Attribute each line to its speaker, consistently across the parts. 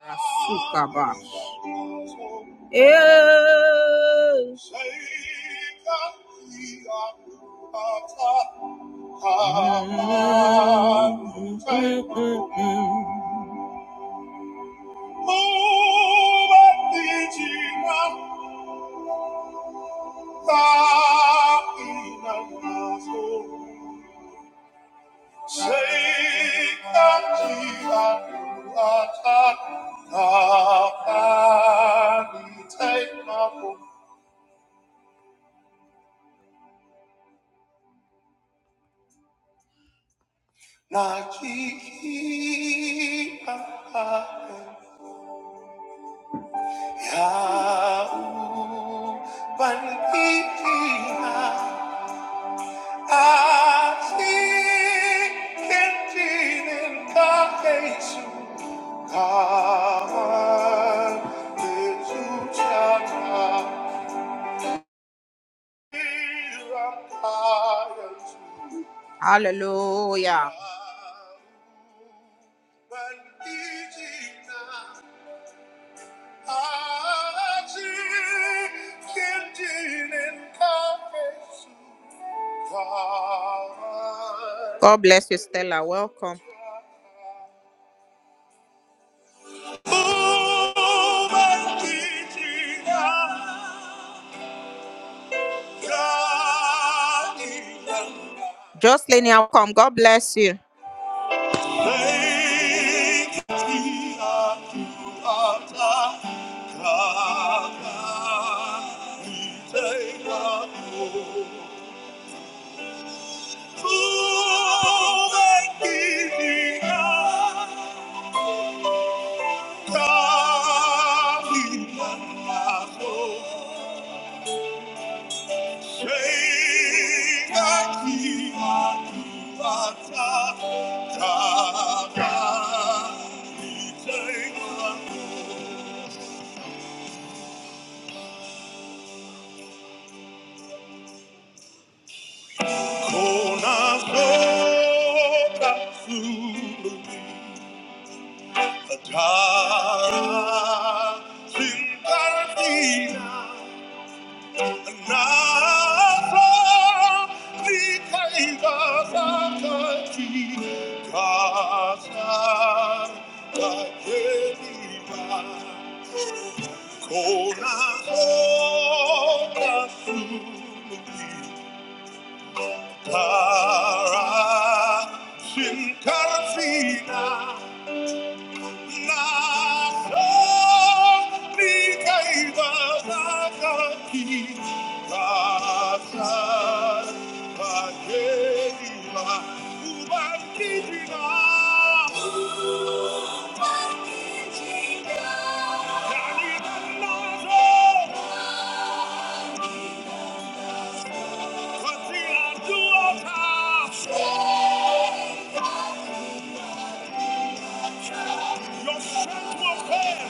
Speaker 1: Asukabash. Eh. Take my Nakikita yaong pag-ibig at ikintinin ka kay Sukaman Jesusanan hirang tayo. Hallelujah. Hallelujah. I see standing in confession. God God bless you, Stella. Welcome. Move and teach me now. God is enough. Jocelyn, you welcome. God bless you. Thank you, Lord, Lord, God. We thank you, Lord. Oh, that giving God, God, we love my soul. Shake that key, I do, Para sin carfina. Thank you. Your strength will fail.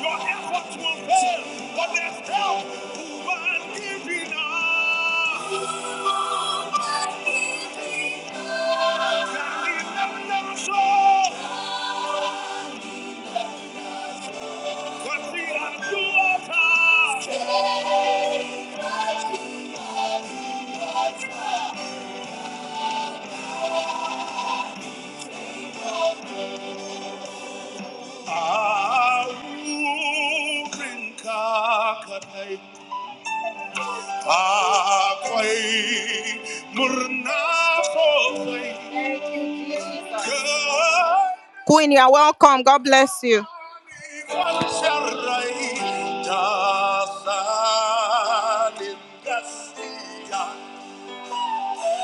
Speaker 1: Your efforts will fail. But there's help who are giving up. That is never, never so. But we are doers. Aruring kakatay. Ako'y murna ko Queen, you are welcome. God bless you.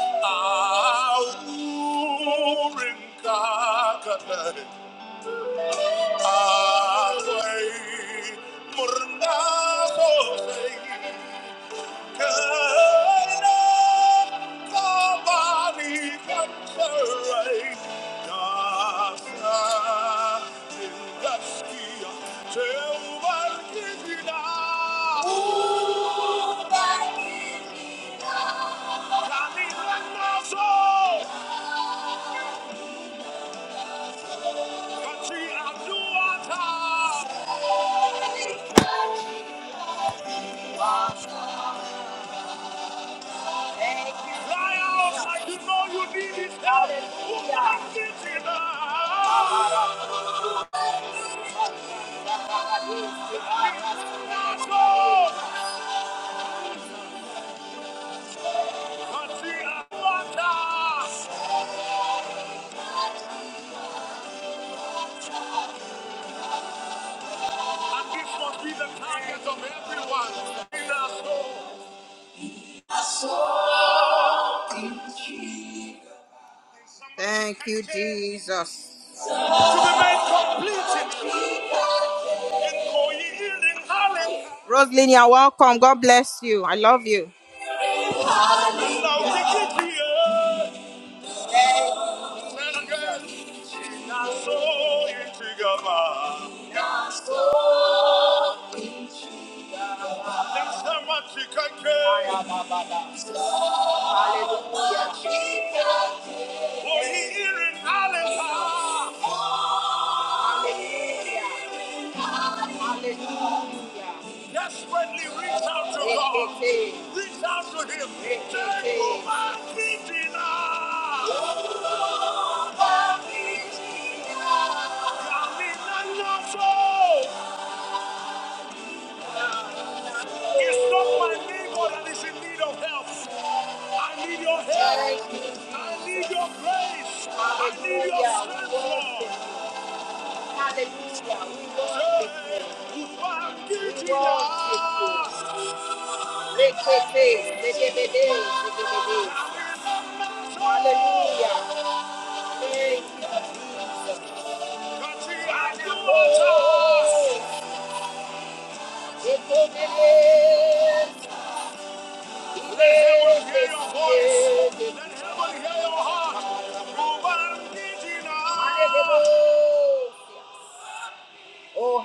Speaker 1: I know you need it. Hallelujah. Thank you, Jesus. Rosalyn, you're welcome. God bless you. I love you. For here in Allentown, desperately reach out to God. Reach out to Him. Say, Uba Kijina. Uba Kijina. Yamina Nyoso. It's not my neighbor that is in need of help. I need your help. I need your grace. I need your strength, Lord. Hallelujah. Uba Kijina. Oh,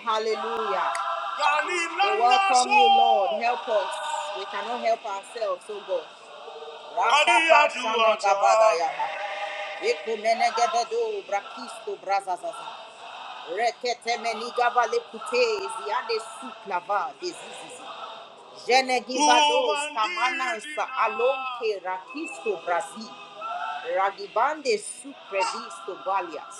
Speaker 1: hallelujah. We welcome you, Lord. Help us. We cannot help ourselves, oh God. Ekumenegebedo, brakisto, brazazaza. Rekete menigava lepute, ziade suklava, dezizizi. Jenegibados, kamanansa, alonke, rakisto, brazi. Ragibande suprevisto, balias.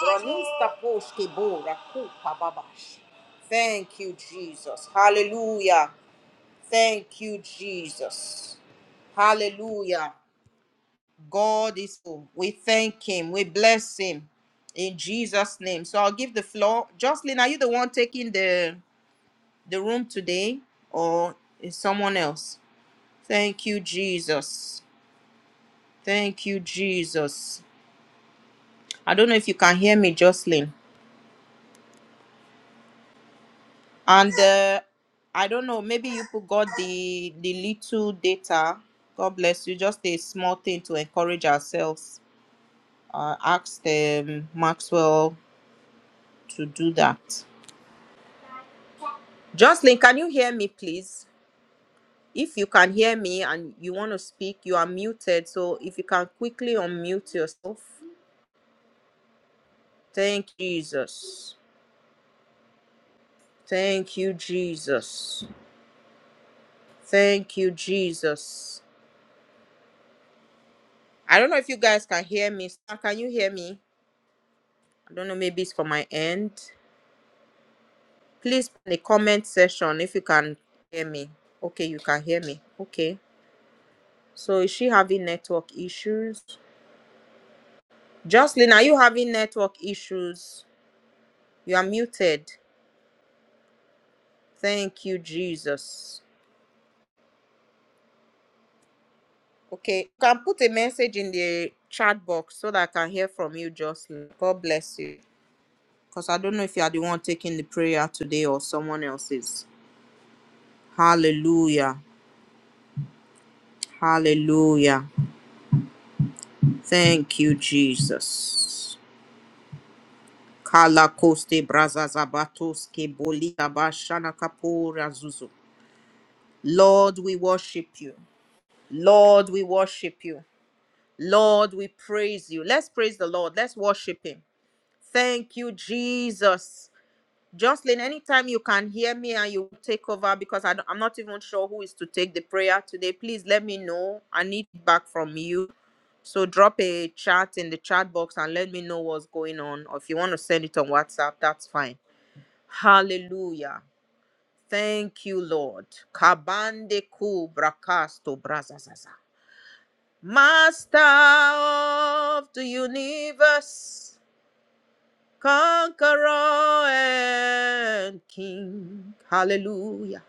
Speaker 1: Bronista poshke bo, rakupa babash. Thank you, Jesus. Hallelujah. Thank you, Jesus. Hallelujah. God is full. We thank him. We bless him in Jesus' name. So I'll give the floor. Jocelyn, are you the one taking the the room today, or is someone else? Thank you, Jesus. Thank you, Jesus. I don't know if you can hear me, Jocelyn. And uh, I don't know. Maybe you put got the the little data. God bless you. Just a small thing to encourage ourselves. Uh, asked um, Maxwell to do that. Jocelyn, can you hear me, please? If you can hear me and you want to speak, you are muted. So if you can quickly unmute yourself. Thank Jesus. Thank you, Jesus. Thank you, Jesus. I don't know if you guys can hear me. Sir, Can you hear me? I don't know. Maybe it's from my end. Please put in the comment section if you can hear me. Okay, you can hear me. Okay. So is she having network issues? Jocelyn, are you having network issues? You are muted. Thank you, Jesus. Okay, you can put a message in the chat box so that I can hear from you, Jocelyn. God bless you. Because I don't know if you are the one taking the prayer today or someone else is. Hallelujah. Hallelujah. Thank you, Jesus. Kala koste braza zabatoske boli kapora zuzu. Lord, we worship you. Lord, we worship you. Lord, we praise you. Let's praise the Lord. Let's worship him. Thank you, Jesus. Jocelyn, anytime you can hear me and you take over because I am not even sure who is to take the prayer today, please let me know. I need back from you. So drop a chat in the chat box and let me know what's going on. Or if you want to send it on WhatsApp, that's fine. Hallelujah. Thank you, Lord. Kabande ku brakasto brazazaza. Master of the universe. conqueror and king. Hallelujah.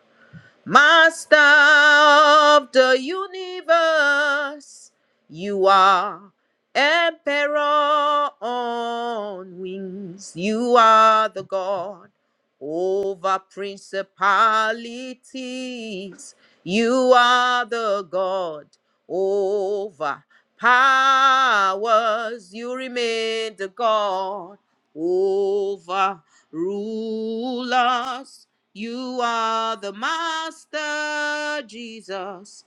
Speaker 1: Master of the universe, you are emperor on wings. You are the God over principalities. You are the God over powers. You remain the God over rulers. You are the master, Jesus,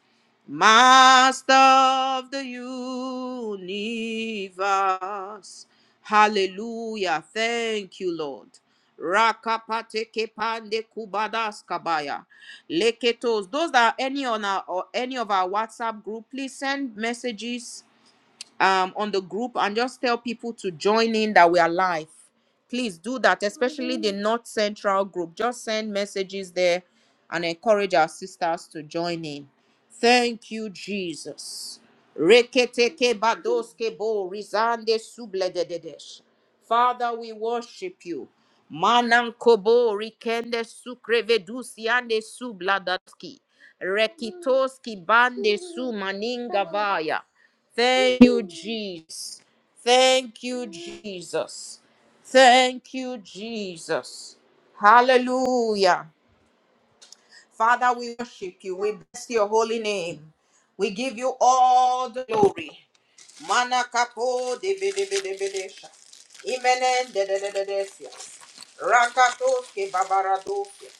Speaker 1: master of the universe. Hallelujah. Thank you, Lord. Rakapateke pande kubadas kabaya. Leketos. Those that are any on our or any of our WhatsApp group, please send messages um, on the group and just tell people to join in that we are live. Please do that, especially the North Central group. Just send messages there and encourage our sisters to join in. Thank you, Jesus. Reketeke badoske bo rizande subledededesh. Father, we worship you. Manankobo rikende sukrevedusi ande subladaski. Rekitoski bande su maninga vaya. Thank you, Jesus. Thank you, Jesus. Thank you, Jesus. Hallelujah. Father, we worship you. We bless your holy name. We give you all the glory. Mana kapo de be de debedebedebedesha. Imenen dededededesias. Rakatoske babaradofia.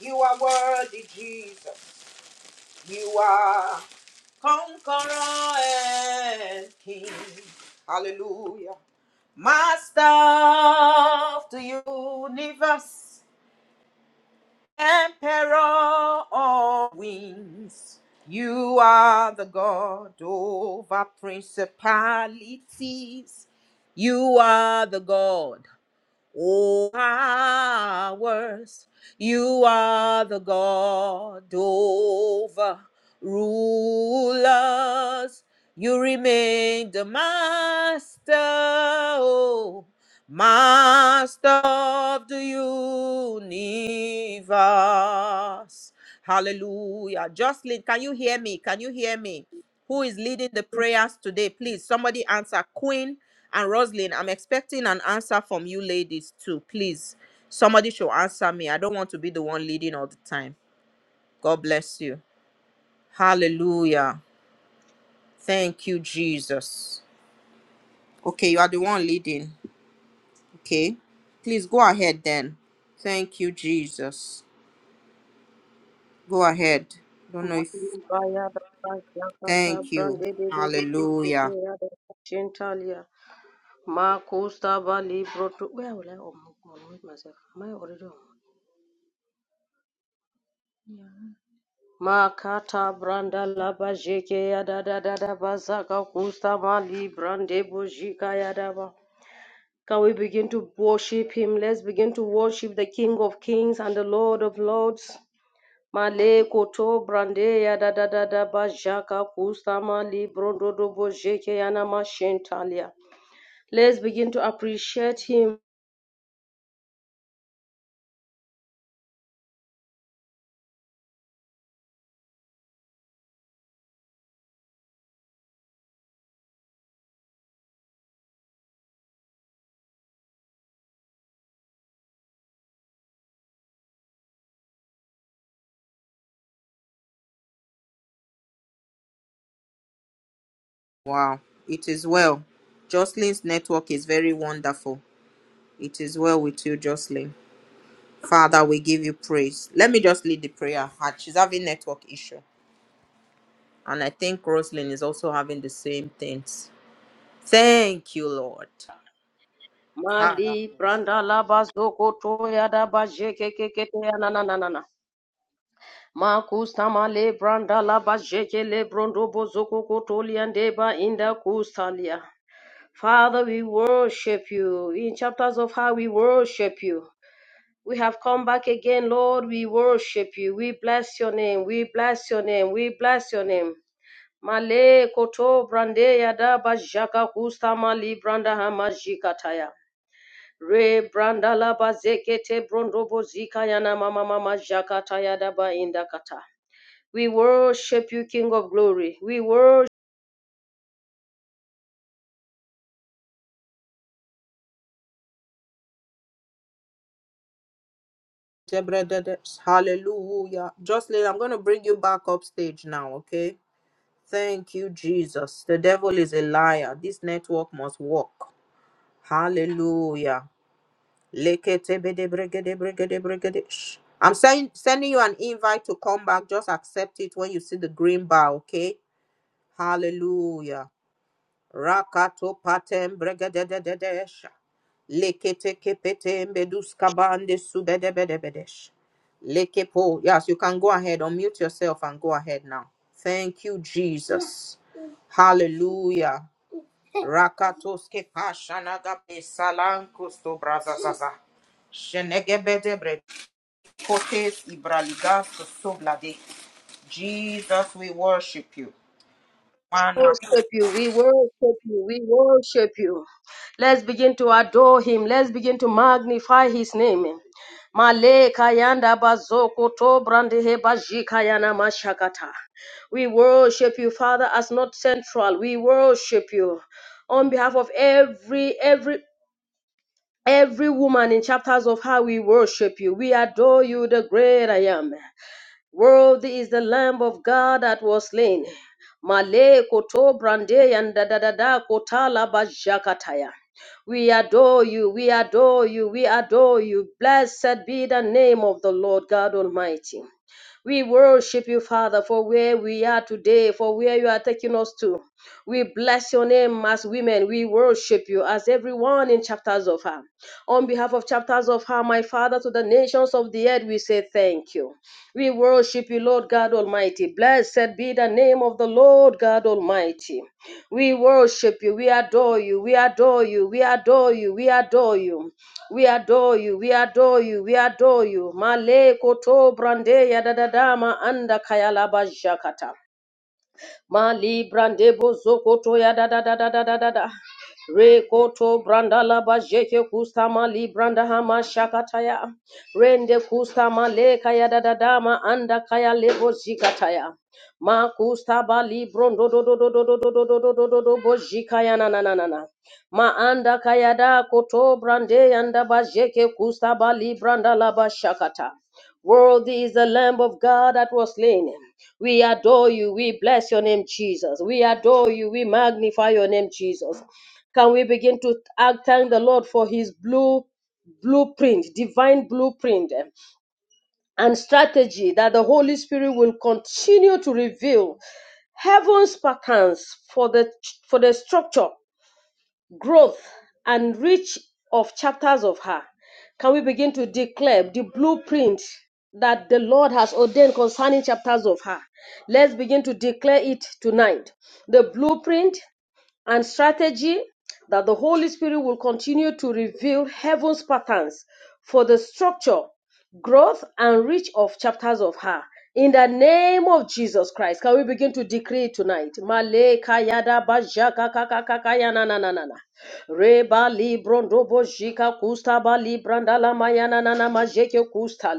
Speaker 1: You are worthy, Jesus. You are conqueror and king. Hallelujah. Master of the universe, emperor of wings, you are the God over principalities. You are the God. O powers, you are the God over rulers. You remain the master, oh, master of the universe. Hallelujah. Jocelyn, can you hear me? Can you hear me? who is leading the prayers today. Please, somebody answer Queen and Roslyn. I'm expecting an answer from you ladies too. Please, somebody should answer me. I don't want to be the one leading all the time. God bless you. Hallelujah. Thank you, Jesus. Okay, you are the one leading. Okay. Please go ahead then. Thank you, Jesus. Go ahead. Don't know if.
Speaker 2: Mabaya da Yakata
Speaker 1: Thank you.
Speaker 2: Brande de de de de de
Speaker 1: Hallelujah.
Speaker 2: de ya Gentalia. Makusta Bali Broto. Where will I unmute myself? Am I already on? Makata Branda Laba Jeke ya da da da Bazaka Kusta Mali Brande Bojika ya ba. Can we begin to worship him? Let's begin to worship the King of Kings and the Lord of Lords. Maleko to brande ya da da da da ba jaka kusama libro do do yana mashentalia. Let's begin to appreciate him.
Speaker 1: Wow. It is well. Jocelyn's network is very wonderful. It is well with you, Jocelyn. Father, we give you praise. Let me just lead the prayer. Ah, She's having network issue. And I think Roslyn is also having the same things. Thank you, Lord. Kara-
Speaker 2: Mali branda la bazoko koto ya da ba jeke keke to ya na na na na na. Makusama le branda la ba jeke le brondo bozoko koto liandeba inda kusalia. Father, we worship you. In chapters of how we worship you. We have come back again, Lord. We worship you. We bless your name. We bless your name. We bless your name. Male koto brande yada bajaka kusta mali branda hamajikataya. Re branda la bazekete brondo bozika yana mama mama jakata Daba ba indakata. We worship you, King of Glory. We worship
Speaker 1: Jebrededes. Hallelujah. Jocelyn, I'm going to bring you back up stage now, okay? Thank you, Jesus. The devil is a liar. This network must work. Hallelujah. Leketebedebregedebregedebregedesh. I'm send, sending you an invite to come back. Just accept it when you see the green bar, okay? Hallelujah. Rakato patem bregededededesh. Leketekepete mbeduskabande subedebedebedesh. Lekepo. Yes, you can go ahead. Unmute yourself and go ahead now. Thank you, Jesus. Hallelujah. Rakatoske pashanagabe salankusto brazazaza. Shenegebedebre kotes ibraligas soblade. Jesus, we worship you.
Speaker 2: worship you. We worship you. We worship you. Let's begin to adore him. Let's begin to magnify his name. Male kayanda bazoko to brandehe bajika yana mashakata. We worship you, Father, as not central. We worship you on behalf of every every every woman in chapters of how we worship you. We adore you, the great I am. Worthy is the Lamb of God that was slain. Male koto brande and da da da da kotala bajakataya. We adore you, we adore you, we adore you. Blessed be the name of the Lord God Almighty. We worship you, Father, for where we are today, for where you are taking us to. We bless your name as women. We worship you as everyone in chapters of her. On behalf of chapters of her, my Father, to the nations of the earth, we say thank you. We worship you, Lord God Almighty. Blessed be the name of the Lord God Almighty. We worship you. We adore you. We adore you. We adore you. We adore you. We adore you. We adore you. We adore you. Male koto brande ya dadadama anda kayalaba jakata. Mali brande bozokoto ya da da da da da da da da. Rekoto brandala la bajeke kusta mali branda hama shakataya. Rende kusta leka ya da da da ma anda kaya lebo zikataya. Ma kusta bali brondo do do do do do do do do do do do do bojikaya na na na na na. Ma anda kaya da koto brande yanda bajeke kusta bali branda la bashakata. Worthy is the Lamb of God that was slain. We adore you. We bless your name, Jesus. We adore you. We magnify your name, Jesus. Can we begin to act, thank the Lord for his blue blueprint, divine blueprint, eh, and strategy that the Holy Spirit will continue to reveal heaven's patterns for the for the structure growth, and reach of chapters of her, can we begin to declare the blueprint that the Lord has ordained concerning chapters of her? Let's begin to declare it tonight. The blueprint and strategy that the Holy Spirit will continue to reveal heaven's patterns for the structure, growth, and reach of chapters of her. In the name of Jesus Christ, can we begin to decree tonight? Maleka yada baja kaka kaka kaya na na na na na. Reba librondo bojika kusta ba libranda la maya na na na majeke kusta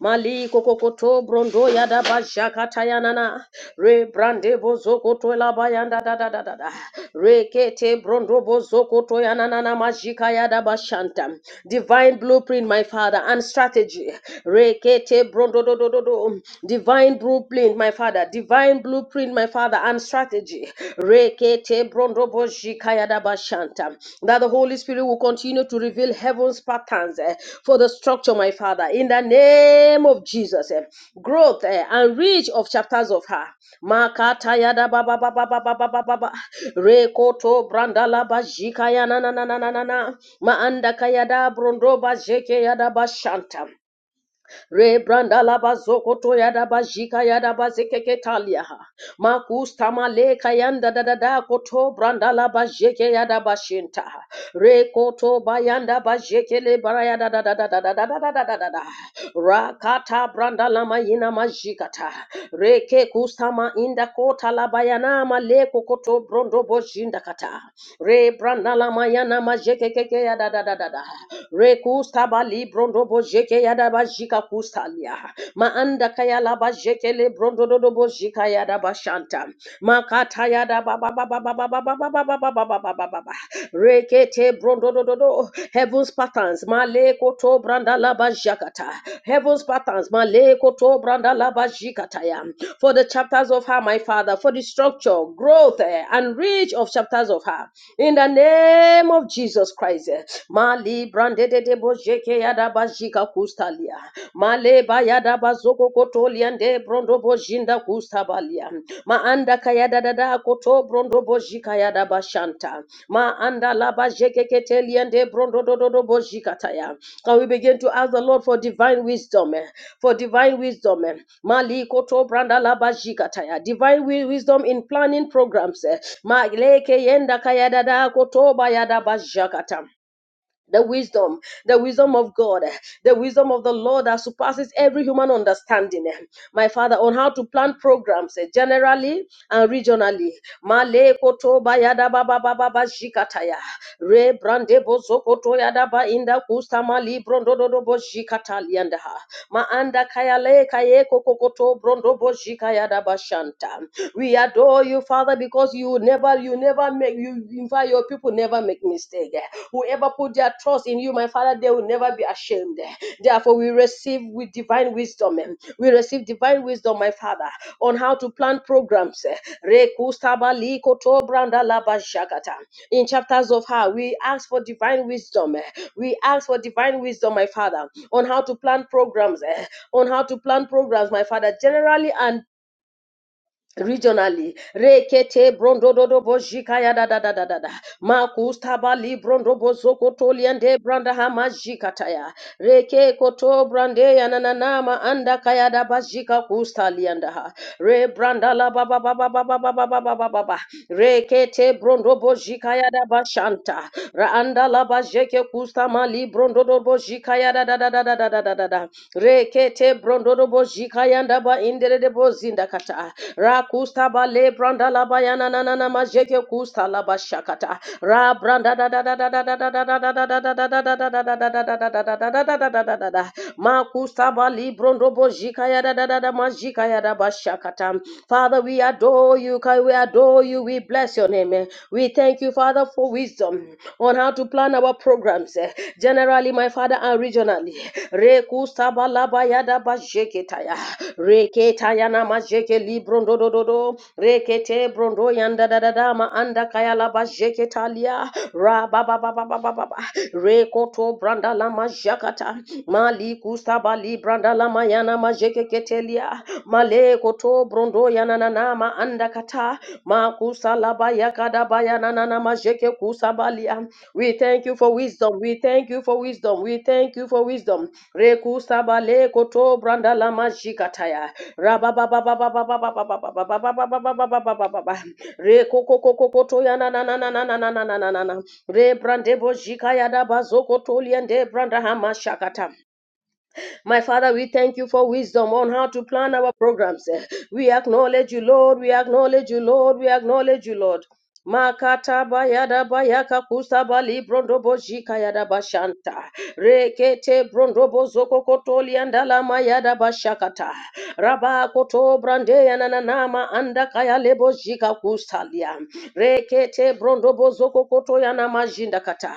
Speaker 2: Mali kokokoto brondo yada bashakata yanana. Re brande bozokoto la bayanda da da da da da. Re kete brondo bozokoto yanana majika yada bashanta. Divine blueprint, my father, and strategy. Re kete brondo do do do do. Divine blueprint, my father. Divine blueprint, my father, and strategy. Re kete Brondo Jikayada Bashanta. That the Holy Spirit will continue to reveal heaven's patterns eh, for the structure, my Father, in the name of Jesus. eh. Growth eh, and reach of chapters of her. Makatayada Baba Baba Baba Baba Baba. Rekoto Brandala Bajikayana na na na Maanda Kayada Brondo Bajekayada Bashanta. Rebranda laba zokoto yada bajika yada bazekeke talia. makusta maleka yanda da da da koto branda laba jeke yada bashinta. Rekoto bayanda bajekele barayada da da da da da da da da da da da da. Rakata branda lama yina majikata. Reke kustama inda kota labayana maleko koto brondo bojinda kata. Re branda lama yana majekeke yada da da da da. rekusta bali brondo robo jeke yada ba jika kustalia. Maanda kaya laba jeke le brondo dodo bo jika yada ba shanta. Makata yada ba ba ba ba ba ba ba ba ba ba ba ba ba ba ba ba ba. ba. Rekete brondo dodo do. Heaven's patterns. Male koto branda laba jakata. Heaven's patterns. Male koto branda laba jikata ya. For the chapters of her, my father, for the structure, growth, eh, and reach of chapters of her. In the name of Jesus Christ. eh. Mali brande de bojeke yada bajika kustalia. Maleba yada bazoko kotolia nde brondo bojinda kustabalia. Maanda kayada dada koto brondo bojika yada bashanta. Maanda la bajeke ketelia nde brondo dododo bojika taya. Can we begin to ask the Lord for divine wisdom? eh, For divine wisdom. eh. Mali koto branda la bajika taya. Divine wi- wisdom in planning programs. eh. Maleke yenda kayada dada koto bayada bajakata the wisdom, the wisdom of God, the wisdom of the Lord that surpasses every human understanding. My Father, on how to plan programs eh, generally and regionally. Male koto bayada baba baba baba jikataya. Re brande bozokoto yadaba inda kustama libro ndododo bozikatalianda. Ma anda kayale kaye kokokoto brondo bozika yadaba shanta. We adore you, Father, because you never, you never make, you invite your people never make mistake. Whoever put their trust in you, my Father, they will will never be ashamed. Therefore, we receive with divine wisdom. eh, We receive divine wisdom, my Father, on how to plan programs. eh. Rekustaba likoto In chapters of how we ask for divine wisdom. eh. We ask for divine wisdom, my Father, on how to plan programs. eh, On how to plan programs, my Father, generally and regionally rekete brondo dodo bojika ya da da da da da da makusta bali brondo bozoko toliende branda hama jikataya reke koto brande ya na na na ma anda kaya da bajika kusta lianda ha re branda la ba ba ba ba ba ba ba ba ba ba ba ba Mazikayadadadadamazikayadabashakatam. Father, we adore you. We adore you. We bless your name. eh. We thank you, Father, for wisdom on how to plan our programs, eh, generally, my Father, and regionally. Rekustabalabayadabasheketaya. Reketayanamazekelibrondodododom. Rekete brondo yanda da da da ma anda kaya la ba jeke we thank you for wisdom. We thank you for wisdom. We thank you for wisdom. Rebrandebo jikayada bazoko toliende branda hama shakata. My Father, we thank you for wisdom on how to plan our programs. We acknowledge you, Lord. We acknowledge you, Lord. We acknowledge you, Lord. Makata bayada bayaka kusa bali brondobo jika yada bashanta. Rekete brondobo zoko kotoli andala mayada bashakata. Raba koto brande yananama anda kaya lebo jika kusalia. Rekete brondobo zoko koto yana majinda kata.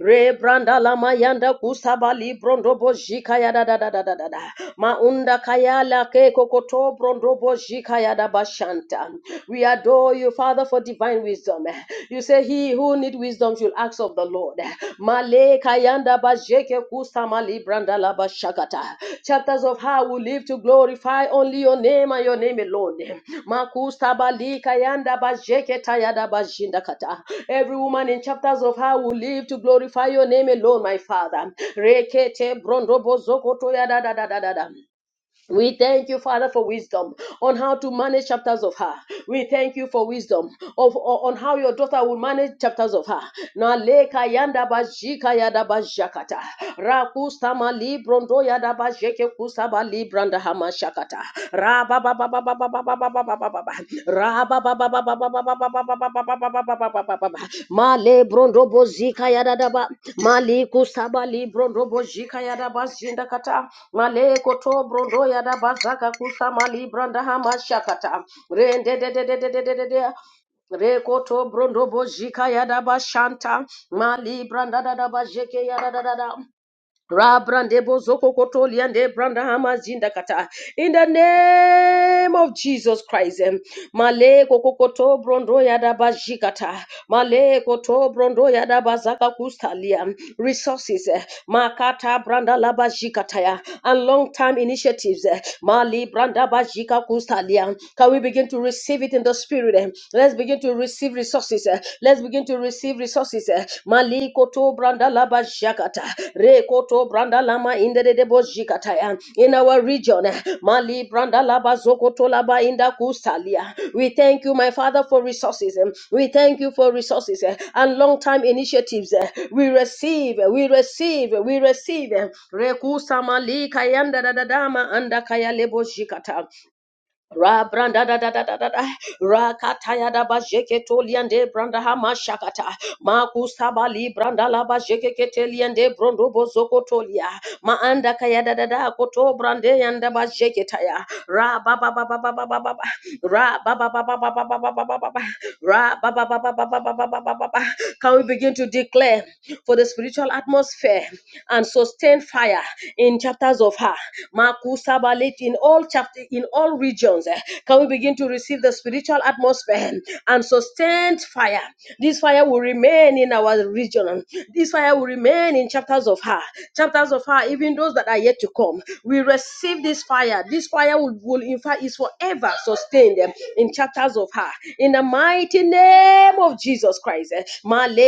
Speaker 2: Rebranda la mayanda kusaba librondo bojika ya da da da da da da da. Maunda kayala ke kokoto brondo bojika ya da bashanta. We adore you, Father, for divine wisdom. You say, He who need wisdom should ask of the Lord. Male kayanda bajeke kusama Chapters of how we live to glorify only your name and your name alone. Every woman in chapters of how we live to glorify your name alone, my Father. We thank you, Father, for wisdom on how to manage chapters of her. We thank you for wisdom of on how your daughter will manage chapters of her. Na leka yanda bajika yada bajakata. Rakusta mali brondo yada bajeke kusa bali hama shakata. Ra ba ba ba ba ba ba ba male brondobo zika yadadaba mali kusaba librondrobo zika yadaba zinda kata male koto brondo yadaba zaka kusama libranda hama shakata rende de de de de de de de de Rekoto brondo bojika yadaba shanta mali branda dada bajeke yadada Rabrande bozoko kotolia nde branda hama zinda kata. In the name of Jesus Christ. em, Male kokoto brondo yada bajikata. Male koto brondo yada bazaka kustalia. Resources. eh, Makata branda la bajikata ya. And long time initiatives. eh, Mali branda bajika kustalia. Can we begin to receive it in the spirit? eh? Let's begin to receive resources. eh. Let's begin to receive resources. eh. Maliko to branda laba jakata. Reko to branda lama inde de debo jikata. ya. In our region, eh, Mali branda laba zoko to laba inda kustalia. We thank you, my Father, for resources. eh. We thank you for resources eh, and long-time initiatives. eh. We receive, eh, we receive, eh, we receive. eh. Rekusa malika yanda dadadama anda kaya lebo jikata. Ra branda da da da da da da. Ra kataya da ba jeke toliande branda hama shakata. Ma kusabali branda la ba jeke keteliande brondo bozoko tolia. Ma anda kaya da da da koto brande yanda ba jeke taya. Ra ba ba ba ba ba ba ba ba ba. Ra ba ba ba ba ba ba ba ba ba ba ba ba. Ra ba ba ba ba ba ba ba ba ba ba ba ba. Can we begin to declare for the spiritual atmosphere? and sustain fire in chapters of her. Makusabalit in all chapter in all regions. eh, Can we begin to receive the spiritual atmosphere and sustained fire? This fire will remain in our region. This fire will remain in chapters of her. Chapters of her, even those that are yet to come. We receive this fire. This fire will, will in fact is forever sustained eh, in chapters of her. In the mighty name of Jesus Christ. eh, Male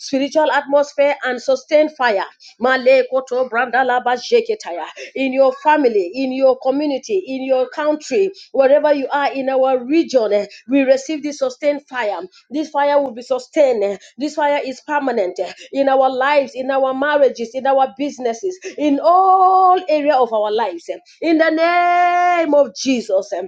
Speaker 2: Spiritual atmosphere and sustained fire. Malekotobrandalabasheketaya. In your family, in your community, in your country, wherever you are in our region, eh, we receive this sustained fire. This fire will be sustained. eh. This fire is permanent eh, in our lives, in our marriages, in our businesses, in all area of our lives. eh. In the name of Jesus. eh,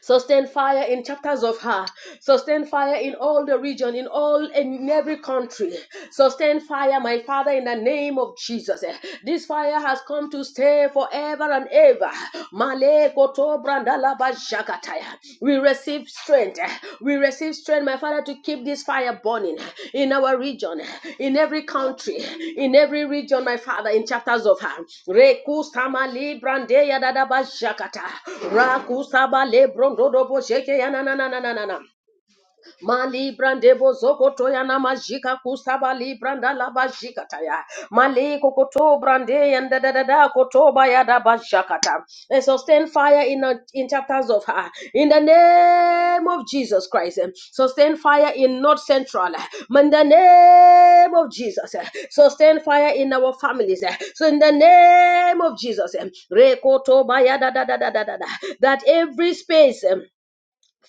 Speaker 2: Sustain fire in chapters of her. Sustain fire in all the region, in all in every country. Sustain fire, my Father, in the name of Jesus. Eh, This fire has come to stay forever and ever. Male koto brandala ba We receive receive strength. We receive strength, my Father, to keep this fire burning in our region, in every country, in every region, my Father, in chapters of her. Rekustama librandeya dadaba shakata. Rakustaba lebrondodobo sheke yanananananana. Mali brande bozoko toya na majika kusaba li branda la bajika taya. Mali kokoto brande and da da da da koto ya da bajakata. And sustain fire in, our- in chapters of her. In the name of Jesus Christ. eh, Sustain fire in North Central. eh, In the name of Jesus. eh, Sustain fire in our families. eh, So in the name of Jesus. eh, Rekoto baya da da da da da da. da, That every space. eh,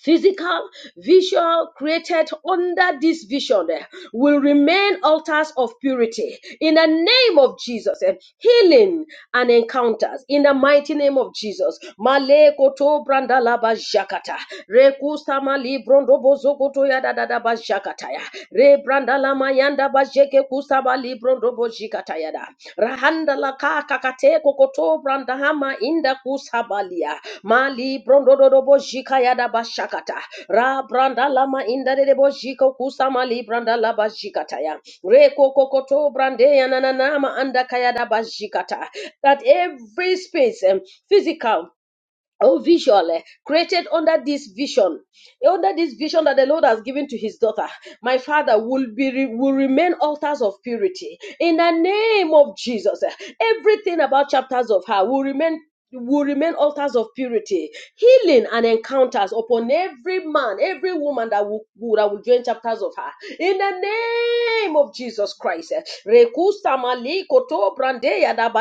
Speaker 2: physical visual, created under this vision eh, will remain altars of purity in the name of jesus eh, healing and encounters in the mighty name of jesus Male koto brandalaba jakata. Reku kusama librondo bozokoto ya dadada bazhakataya. Rebranda la mayanda bajeke kusaba librondo bozhikataya da. Rahanda la kaka kate kokoto branda hama inda kusabalia. Mali brondo dodo bozhikaya da bashakata. Ra branda la ma inda de bozhiko kusama libranda la re Reko kokoto brande ya nananama anda kaya da bashikata. That every space, um, physical Oh, vision eh, created under this vision, under this vision that the Lord has given to His daughter, my Father will be will remain altars of purity in the name of Jesus. eh, Everything about chapters of her will remain will remain altars of purity, healing and encounters upon every man, every woman that will, who- that will join chapters of her in the name of Jesus Christ. Rekusta maliko brandeya da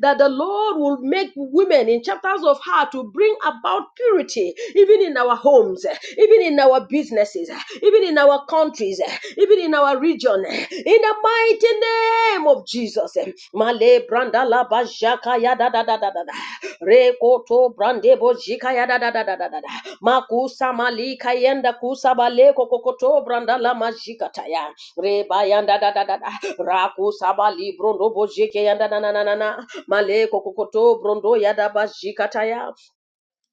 Speaker 2: That the Lord will make women in chapters of her to bring about purity, even in our homes, even in our businesses, even in our countries, even in our region, in the mighty name of Jesus. Male branda la bajaka ya da da da da da da. Rekoto brande bojika ya da da da da da da da. Makusa malika yenda kusa baleko kokoto branda la majika taya. Reba yanda da da da da. Rakusa bali brondo bojike yanda na na na na na. malé kokoto brondo ya da bajika taya.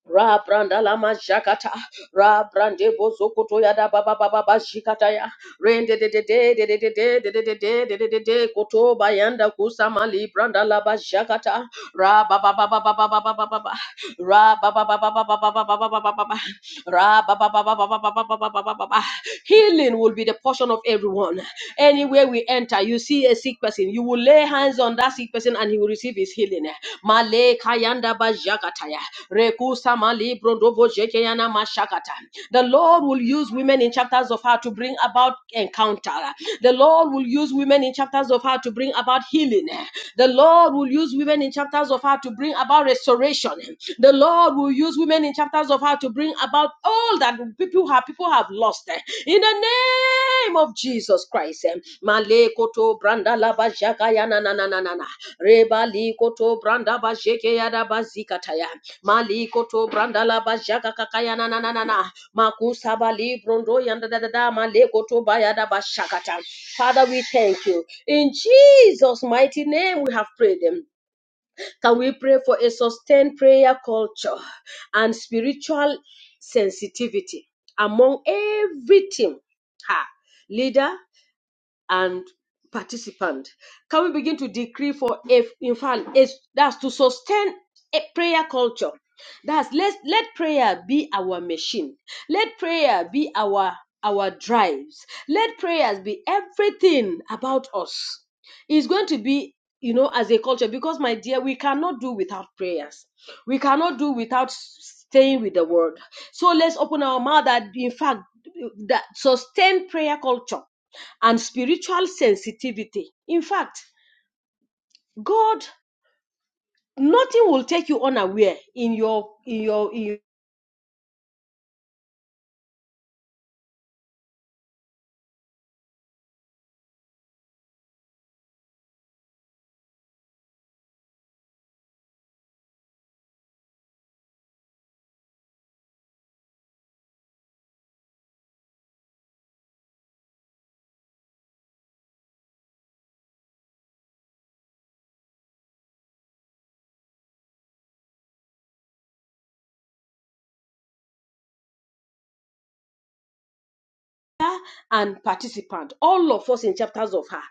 Speaker 2: Ra branda la majakata, ra brande bozokoto ya da ba ba ba ba ba shikata ya, rende de de de de de de de de de de de de de de de koto bayanda kusamali branda la bajakata, ra ba ba ba ba ba ba ba ba ba ba ba Ra ba ba ba ba ba ba ba ba ba ba ba ba ba ba. Ra ba ba ba ba ba ba ba ba ba ba ba ba ba ba. Healing will be the portion of everyone. Anywhere we enter, you see a sick person, you will lay hands on that sick person and he will receive his healing. Male kayanda ba jakataya. Rekusa mali brondobo jekeyana mashakata. The Lord will use women in chapters of her to bring about encounter. The Lord will use women in chapters of her to bring about healing. The Lord will use women in chapters of her to bring about restoration. The Lord will use women in chapters of how to bring about all that people have people have lost eh, in the name of Jesus Christ. eh. Male koto branda la ba ya na na na na na na. Reba li koto branda ba jeke ya da ba zika ta ya. Mali branda la ba jaka kaka na na na na na. Makusa ba li brondo ya da da da da. Male ba ya da ba shakata. Father, we thank you. In Jesus' mighty name, we have prayed. eh. Can we pray for a sustained prayer culture and spiritual sensitivity among every team? Ha. Leader, and participant. Can we begin to decree for if in fact it's that's to sustain a prayer culture? That's let let prayer be our machine. Let prayer be our our drives. Let prayers be everything about us. It's going to be you know as a culture because my dear we cannot do without prayers we cannot do without s- staying with the word so let's open our mouth that in fact that sustain prayer culture and spiritual sensitivity. In fact, God, nothing will take you unaware in your in your in and participant. All of us in chapters of her.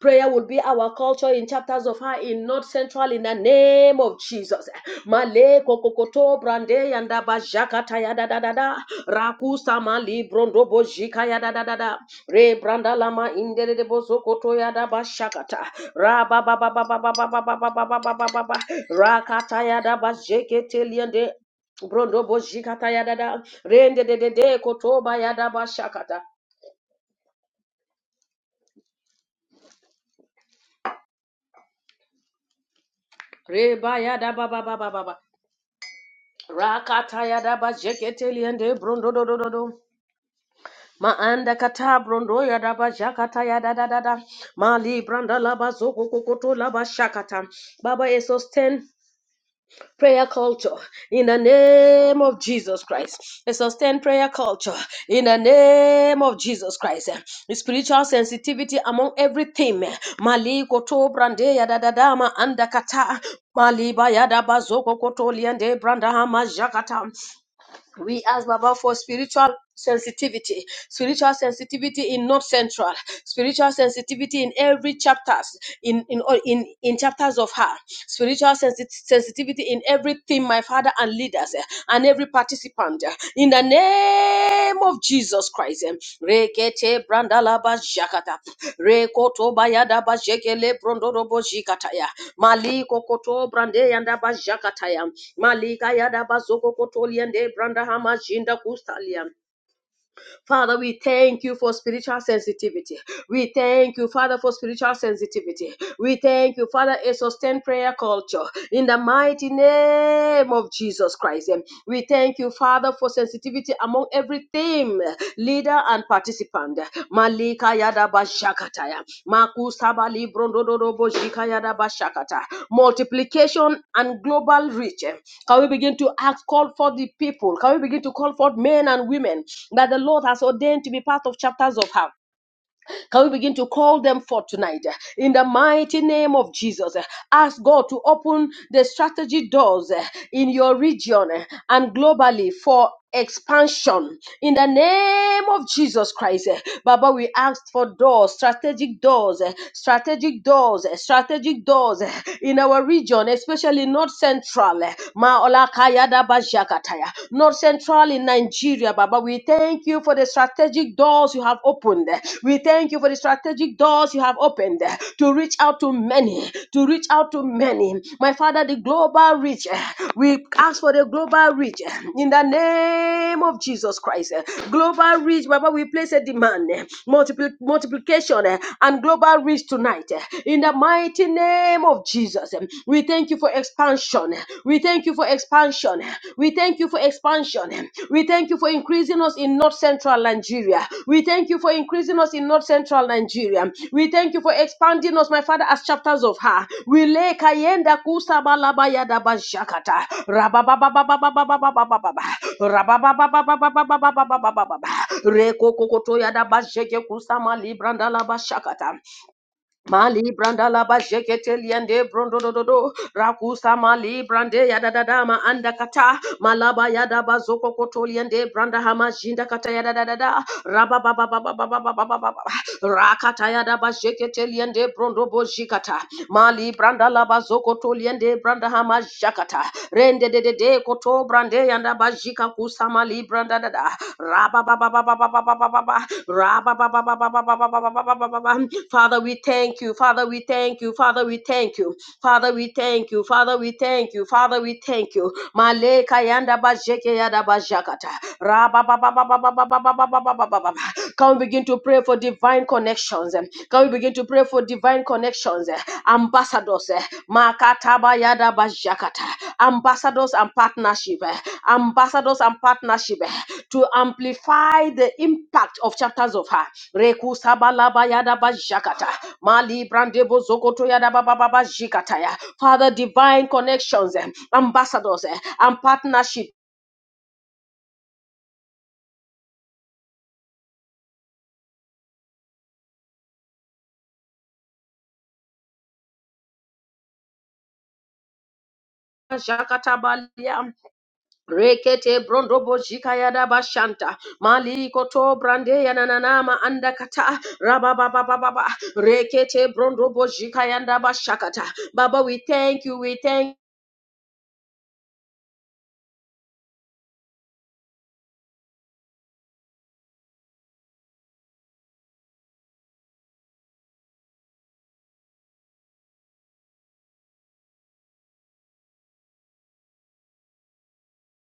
Speaker 2: Prayer will be our culture in chapters of her in North Central in the name of Jesus. Male kokokoto brande yanda bajaka taya da da da da. Rakusa mali brondo bojika ya da da da da. Re branda lama indere de bozokoto ya da bashakata. Ra ba ba ba ba ba ba ba ba ba ba ba ba ba ba ba. Rakata ya da bajeke Brondo bozikata yadada. Rende de de de kotoba yadaba shakata. Reba yadaba ba ba ba ba ba. Rakata yadaba jekete liende brondo do do do do. Maanda kata brondo yadaba jakata yadada da da. Mali branda laba zoko kokoto laba shakata. Baba Jesus 10 prayer culture in the name of Jesus Christ. A sustained prayer culture in the name of Jesus Christ. Spiritual sensitivity among everything. Mali to brande ya dadadama andakata. Mali bayada bazoko koto liende branda hama jakata. We ask Baba for spiritual sensitivity, spiritual sensitivity in North Central, spiritual sensitivity in every chapters, in in all in, in chapters of her, spiritual sensi- sensitivity in every theme, my father and leaders eh, and every participant. eh, In the the name of Jesus Christ. em, Rekete brandalaba jakata. Rekoto bayada bajekele brondorobo jikataya. Maliko koto brande yanda bajakataya. Malika yada bazoko koto liende brandahama jinda kustalia. Father, we thank you for spiritual sensitivity. We thank you, Father, for spiritual sensitivity. We thank you, Father, a sustained prayer culture in the mighty name of Jesus Christ. eh, We thank you, Father, for sensitivity among every team, leader, and participant participant. Malika Yadaba Shakataya. Makusaba Librondodorobo Shika Yadaba Shakata. Multiplication and global reach. Can we begin to ask, call for the people? Can we begin to call for men and women that the Lord has ordained to be part of chapters of her? Can we begin to call them forth tonight uh, in the mighty name of Jesus? uh, Ask God to open the strategy doors uh, in your region uh, and globally for expansion in the name of Jesus Christ. eh, Baba, we asked for doors, strategic doors, eh, strategic doors, eh, strategic doors eh, in our region, especially North Central, eh, Maolakaya Daba Jakataya, North Central in Nigeria. Nigeria, Baba. We thank you for the strategic doors you have opened. We thank you for the strategic doors you have opened to reach out to many, to reach out to many. My Father, the global reach. We ask for the global reach in the name of Jesus Christ. Global reach, Baba. We place a demand, multipli- multiplication, and global reach tonight in the mighty name of Jesus. We thank you for expansion. We thank you for expansion. We thank you for expansion. We thank you for increasing us in North Central Nigeria. We thank you for increasing us in North Central Nigeria. We thank you for expanding us, my Father, as chapters of her. We lay kayenda kusa balabaya daba Rabababababababababababa. Rababababababababababababa. Reko kokoto ya daba sheke kusa Mali branda la ba jekete liende brondo do do do rakusa mali brande ya da da da ma anda kata malaba ya da ba zoko koto liende branda hama jinda kata ya da da da da raba ba ba ba ba ba ba ba ba ba ba ba rakataya daba shekete liende brondo bozhikata mali branda laba zokoto liende branda hama jakata rende de de de koto brande yanda bajika kusama li branda da da raba ba ba ba ba ba ba ba ba ba ba raba ba ba ba ba ba ba ba ba ba ba ba ba ba Father we thank you Father we thank you Father we thank you Father we thank you Father we thank you Father we thank you Maleka yanda bajeke yada bajakata raba ba ba ba ba ba ba ba ba ba ba ba ba ba can we begin to pray for divine connections? eh? Can we begin to pray for divine connections? eh? Ambassadors, eh? Makataba yada bajakata. ambassadors and partnership, eh? ambassadors and partnership eh? to amplify the impact of chapters of her. Reku sabalaba yada bajakata. Mali brandebo zokoto yada bababa jikata ya. Father, divine connections, eh? ambassadors eh? and partnership. Jakata balia Rekete brondo jikaya da bashanta. Mali koto brande yananana ma anda kata. Rabababababa. Rekete brondobo jikaya da bashakata. Baba, we thank you. We thank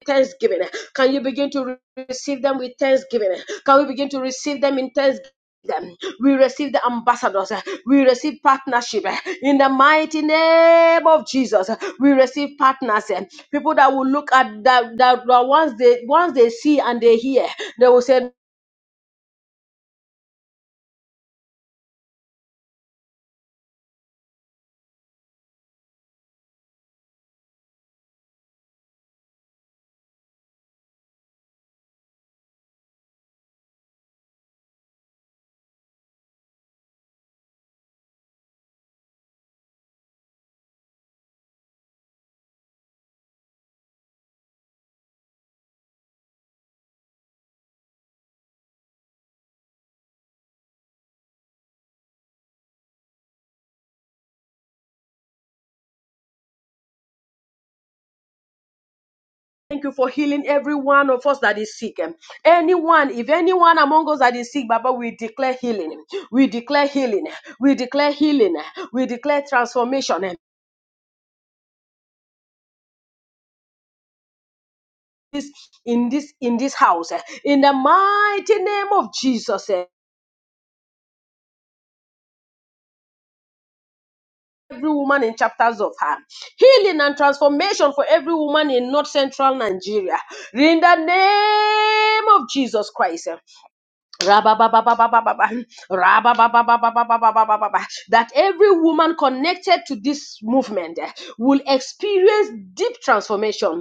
Speaker 2: thanksgiving. Can you begin to re- receive them with thanksgiving? Can we begin to receive them in thanksgiving? Them. We receive the ambassadors. We receive partnership in the mighty name of Jesus. We receive partners, people that will look at that. That that once they once they see and they hear, they will say. Thank you for healing every one of us that is sick. Anyone, if anyone among us that is sick, Baba, we declare healing. We declare healing. We declare healing. We declare transformation. this in this in this house eh, in the mighty name of jesus eh, every woman in chapters of her healing and transformation for every woman in north central nigeria in the name of jesus christ eh. Rabababababababa, rabababababababababa, that every woman connected to this movement eh, will experience deep transformation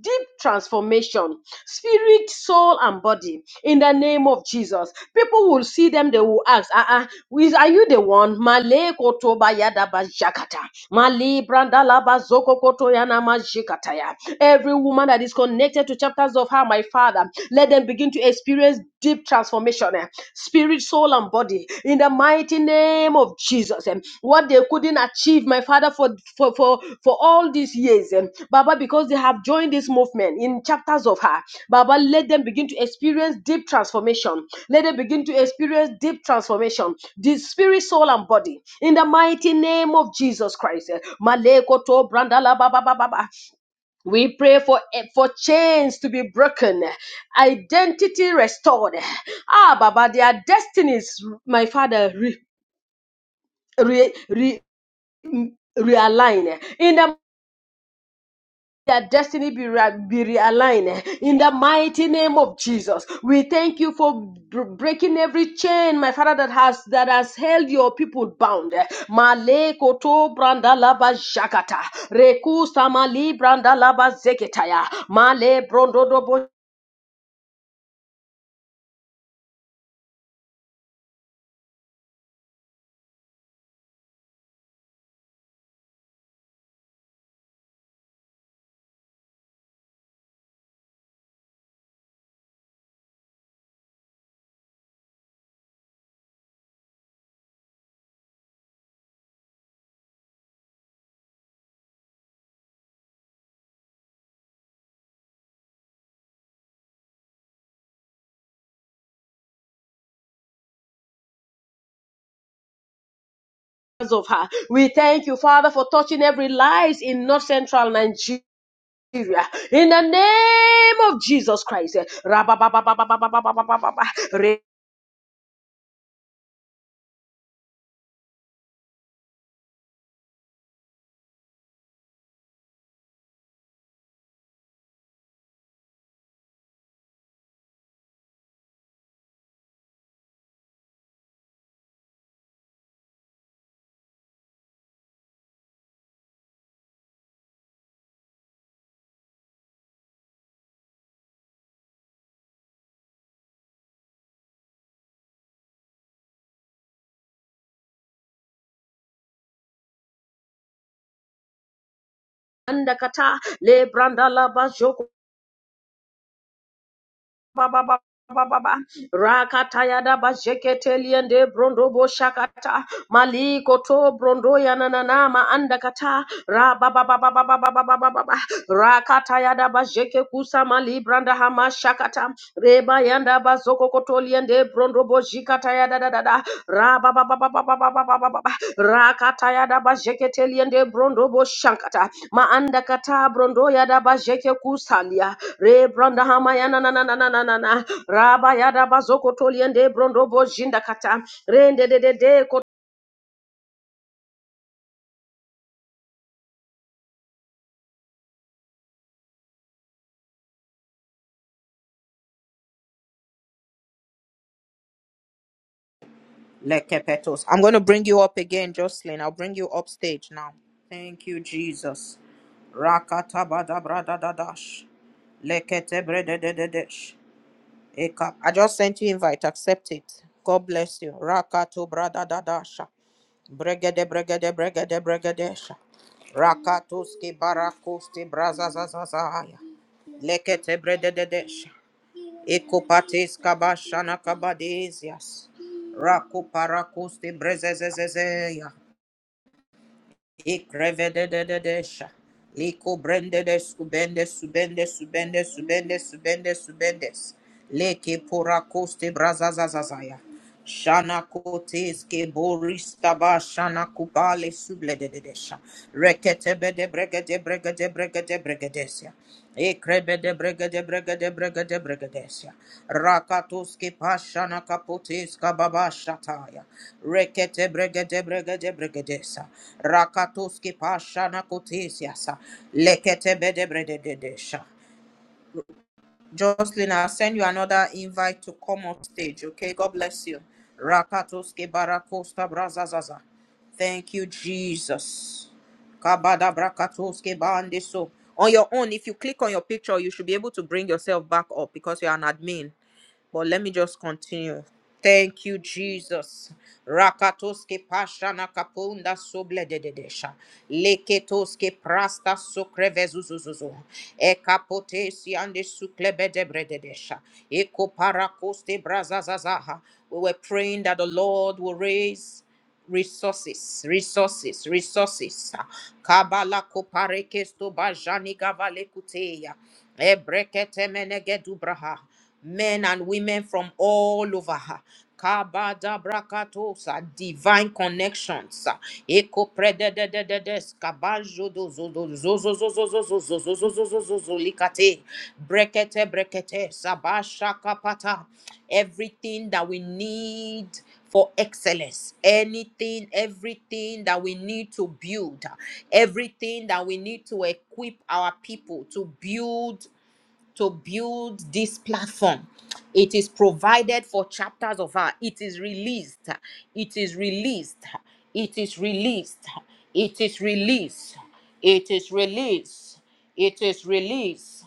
Speaker 2: deep transformation, spirit, soul, and body. In the name of Jesus, people will see them. They will ask, "Uh, uh, is- are you the one?" Male koto bayada bajakata, mali branda laba zoko koto yana majikata ya. Every woman that is connected to chapters of her, my Father, let them begin to experience deep transformation spirit, soul, and body, in the mighty name of Jesus. And what they couldn't achieve, my Father, for for for, for all these years, and Baba, because they have joined this movement in chapters of her, Baba, let them begin to experience deep transformation. Let them begin to experience deep transformation, the spirit, soul, and body, in the mighty name of Jesus Christ. eh. Malekoto brandala baba baba we pray for, for chains to be broken, identity restored. Ah, Baba, their destinies, my Father, re, re, re, realign. In the their destiny be, re- be realigned in the mighty name of Jesus. We thank you for br- breaking every chain, my Father, that has that has held your people bound. Male koto branda laba shakata, reku samali branda laba zeketaya, male brondo because of her. We thank you, Father, for touching every lies in North Central Nigeria. In the name of Jesus Christ. Rabababababababababa. Re- Andakata, le Baba Baba Rakatayada Bajeketeliende Brondo bo Boshakata Maliko to Brondo Yananana ma Andakata Rabababababababababa Rakatayada Bajeke Kusama Libranda Hama Shakata Reba Yanda Bazoko Kotoliende Brondo bo jikata ya da da da da. Ra Bojikatayada Dada Rababababababababa Rakatayada Bajeketeliende Brondo bo Boshakata Ma Andakata Brondo ya Yada Bajeke Kusalia Re branda hamayana na na na na na na na. Raba yada bazoko toliende brondo bojinda kata. Rende de de de
Speaker 1: lekepetos. I'm going to bring you up again, Jocelyn. I'll bring you upstage now. Thank you, Jesus. Rakatabadabradadadash. Leketebrededededesh. Eka- I just sent you invite. Accept it. God bless you. Rakatobradadadasha. Bregede bregede bregede bregedesha. Rakatuski barakusti brazazazazaya. Lekete bredededesha. Ikupatis kabashana kabadizias. Rakuparakusti brezezezezeya. Ikrevedededesha. Liko brendede subende subende subende subende subende subendes. Leke porakoste brazazazazaya. Shana kotes ke borista ba shana kubale subledededesha. Rekete bede bregede bregede bregede bregedesia. Ekrebede bregede bregede bregede bregedesya. Rakatuski pashana kaputiska baba shataya. Rekete bregede bregede bregedesa. Rakatuski pashana kutisyasa. Lekete bede bregedesha. Jocelyn, I'll send you another invite to come on stage. Okay, God bless you. Rakatoske barakosta brazazaza. Thank you, Jesus. Kabada brakatoske bandiso. On your own, if you click on your picture, you should be able to bring yourself back up because you're an admin. But let me just continue. Thank you, Jesus. Rakatoske pashana kapunda sobledededesha. Leketoske prasta sokrevezuzuzuzu. Ekapotesi ande suklebedebrededesha. Ekoparakoste brazazazaha. We were praying that the Lord will raise resources, resources, resources. Kabala koparekesto bajani gavale kuteya. Ebrekete menegedu braha. Men and women from all over. Kabada brakatosa, divine connections. Eko prededededes, kabajo dozo dozo zozo zozo zozo zozo zozo zozo likate. Brekete brekete, sabasha kapata. Everything that we need for excellence. Anything, everything that we need to build, everything that we need to equip our people to build to build this platform. It is provided for chapters of her. It is released. It is released. It is released. It is released. It is released. It is released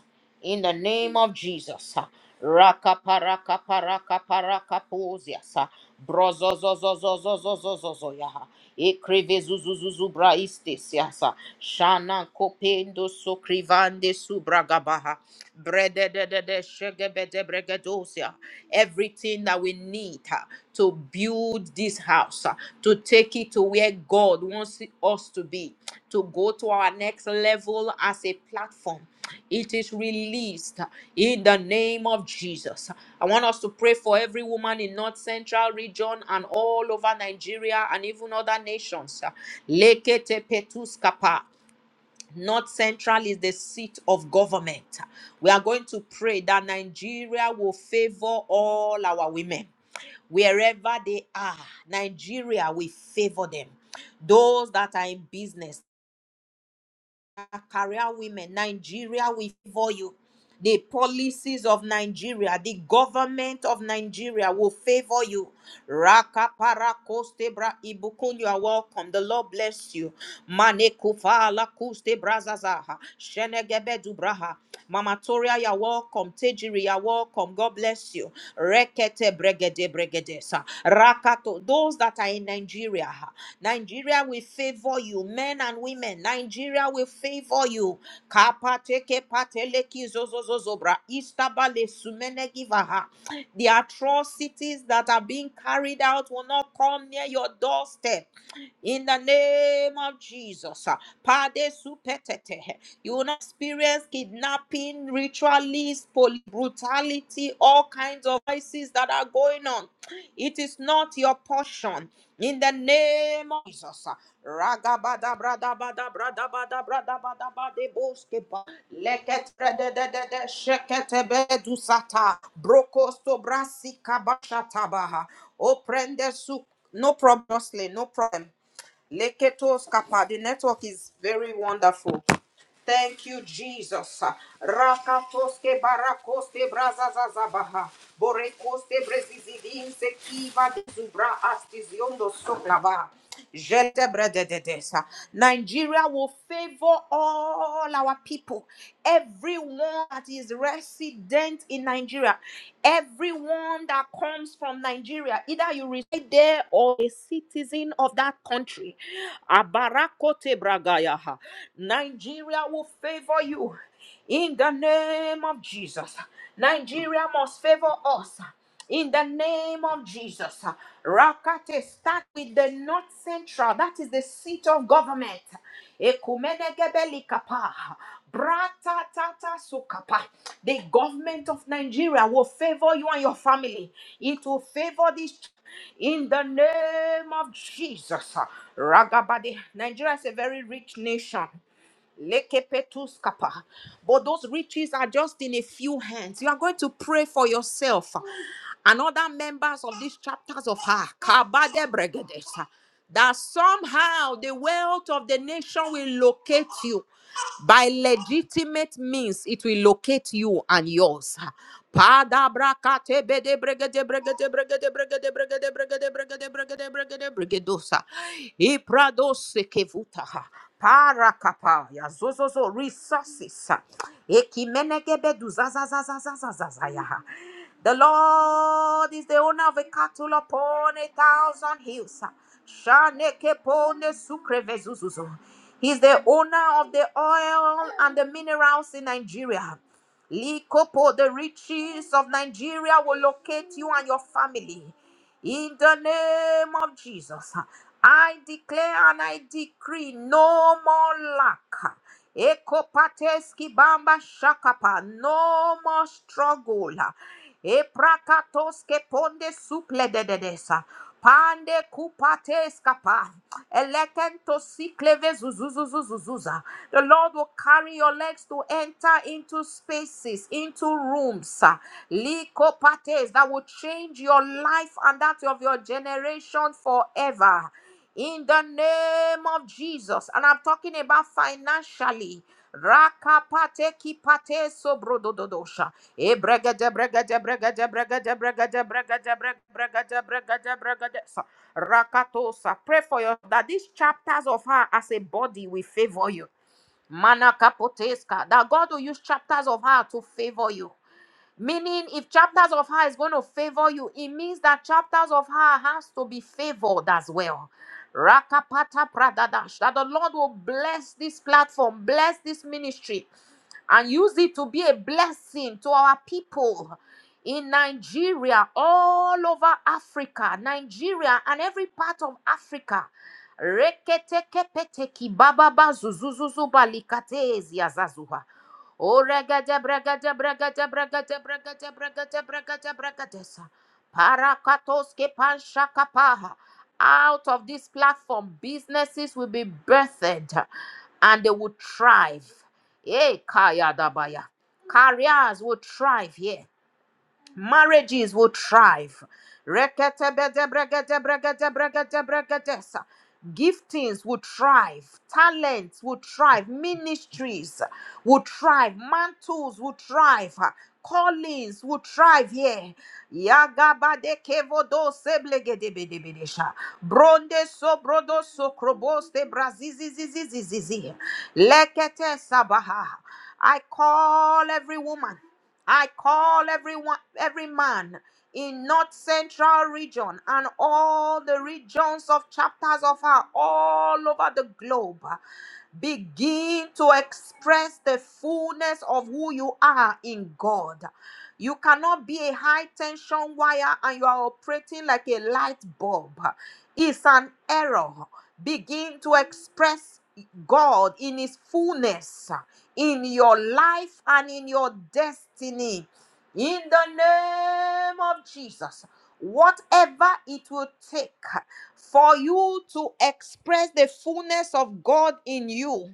Speaker 1: in the name of Jesus. Raka paraka paraka paraka posiasa. Brozo zo zo zo zo zo zo zo zo yaha. Ekrive zuzuzuzu braistes yasa. Shana kopendo so krivande subragabaha. Brede de de de shegebede bregedosia. Everything that we need ah, to build this house, ah, to take it to where God wants us to be, to go to our next level as a platform it is released in the name of Jesus. I want us to pray for every woman in North Central region and all over Nigeria and even other nations. Lekete petuskapa. North Central is the seat of government. We are going to pray that Nigeria will favor all our women. Wherever they are, Nigeria will favor them. Those that are in business, career women, Nigeria, we favor you. The policies of Nigeria, the government of Nigeria will favor you. Raka para koste bra ibukun, you are welcome. The Lord bless you. Mane kufa ala kuste brazazaha. Shenegebe dubraha. Mama Toria, you are welcome. Tejiri, you are welcome. God bless you. Rekete bregede bregede sa. Rakato. Those that are in Nigeria. ha. Nigeria will favor you, men and women. Nigeria will favor you. Kapateke pateleki zozozozobra. Istabale sumenegivaha. The atrocities that are being carried out will not come near your doorstep in the name of Jesus. ah, Pade supetete. You will not experience kidnapping, ritualists, poli- brutality, all kinds of vices that are going on. It is not your portion. In the name of Jesus. ah. Ragabada brada bada brada bada brada bada bade boske ba. Leket brede de de de shekete bedu sata. Brokosto brasi kabasha tabaha. baha. Oprende su. No problem, Jocelyn, no problem. Leketos kapa. The network is very wonderful. Thank you, Jesus. Rakatoske barakoste brazazazabaha. Borekoste brezizidin se kiva de zubra astiziondo soklava. Jete bredededesa. Nigeria will favor all our people. Everyone that is resident in Nigeria, everyone that comes from Nigeria, either you reside there or a citizen of that country. Abarakote bragayaha. Nigeria will favor you in the name of Jesus. Nigeria must favor us in the name of Jesus. Rakate, start with the North Central, that is the seat of government. Ekumenegebelikapa, bratatasukapa. The government of Nigeria will favor you and your family. It will favor this in the name of Jesus. Ragabadi. Nigeria is a very rich nation. Lekepetuskapa. But those riches are just in a few hands. You are going to pray for yourself and other members of these chapters of her Kabadebregedes, that somehow the wealth of the nation will locate you by legitimate means it will locate you and yours Padabrakatebedebregedebregedebregedebregedebregedebregedebregedebregedebregedebregedebregedebregedebregedosa. Ipradosekevuta parakapaya zozozo resources ekimenegebeduzazazazazazazazayaha. the lord is the owner of a cattle upon a thousand hills shanekepone sukrevezuzuzo he's the owner of the oil and the minerals in nigeria likopo the riches of nigeria will locate you and your family in the name of Jesus, I declare and I decree no more lack. Ekopateski bamba shakapa, no more struggle. Eprakatoske ponde suple de dedesa, pande kupateska pa. Elekento sikleve zuzuzuzuzuzuza. The Lord will carry your legs to enter into spaces, into rooms. ah, likopates, That will change your life and that of your generation forever. In the name of Jesus. And I'm talking about financially. Rakapate kipate sobrododosha. E brega de brega de brega de brega de brega de brega de brega brega de brega de brega de Rakatosa. Pray for your that these chapters of her as a body will favor you. Mana kapoteska. That God will use chapters of her to favor you. Meaning, if chapters of her is going to favor you, it means that chapters of her has to be favored as well. Rakapata pradadash. That the Lord will bless this platform, bless this ministry and use it to be a blessing to our people in Nigeria, all over Africa, Nigeria, and every part of Africa. Reketekepeteki bababa zuzuzuzuba likatezi azazuha. O regede bregede bregede bregede bregede bregede bregede bregedesa. Parakatoske panshakapaha. Out of this platform, businesses will be birthed and they will thrive Eh, Kayadabaya. Careers will thrive here marriages will thrive. Reketebedebrekatebrekatebrekatebrekates. Giftings will thrive, talents will thrive, ministries will thrive, mantles will thrive, callings will thrive here. Yagabadekevodo seblegedebedebedesha. Bronde sobrodo sokroboste brazizizizizizizi. Lekete sabaha. I call every woman. I call everyone, every man in North Central region and all the regions of chapters of her all over the globe begin to express the fullness of who you are in God. You cannot be a high tension wire and you are operating like a light bulb. It's an error. Begin to express. God in His fullness in your life and in your destiny. In the name of Jesus, whatever it will take for you to express the fullness of God in you.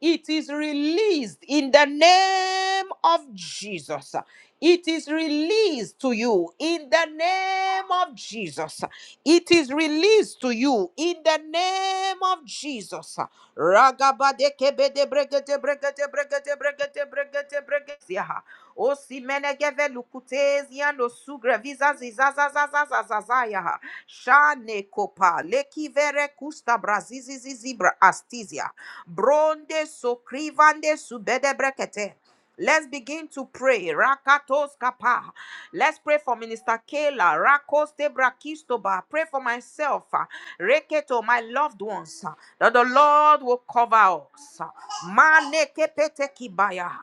Speaker 1: It is released in the name of Jesus. It is released to you in the name of Jesus. It is released to you in the name of Jesus. Ragabadekebedebregetebregetebregetebregetebregetebregetebregetia. O simene geve lukutezi yando sugre viza zizazazazazazazaya. Shane kopa lekivere kusta brazizizizibra astizia. Bronde sokrivande subede brekete. Let's begin to pray. Rakatos kapa. Let's pray for Minister Kayla. Rakos Debra Kistoba. Pray for myself. ah, Reketo, my loved ones. ah, That the Lord will cover us. ah. Mane kepete kibaya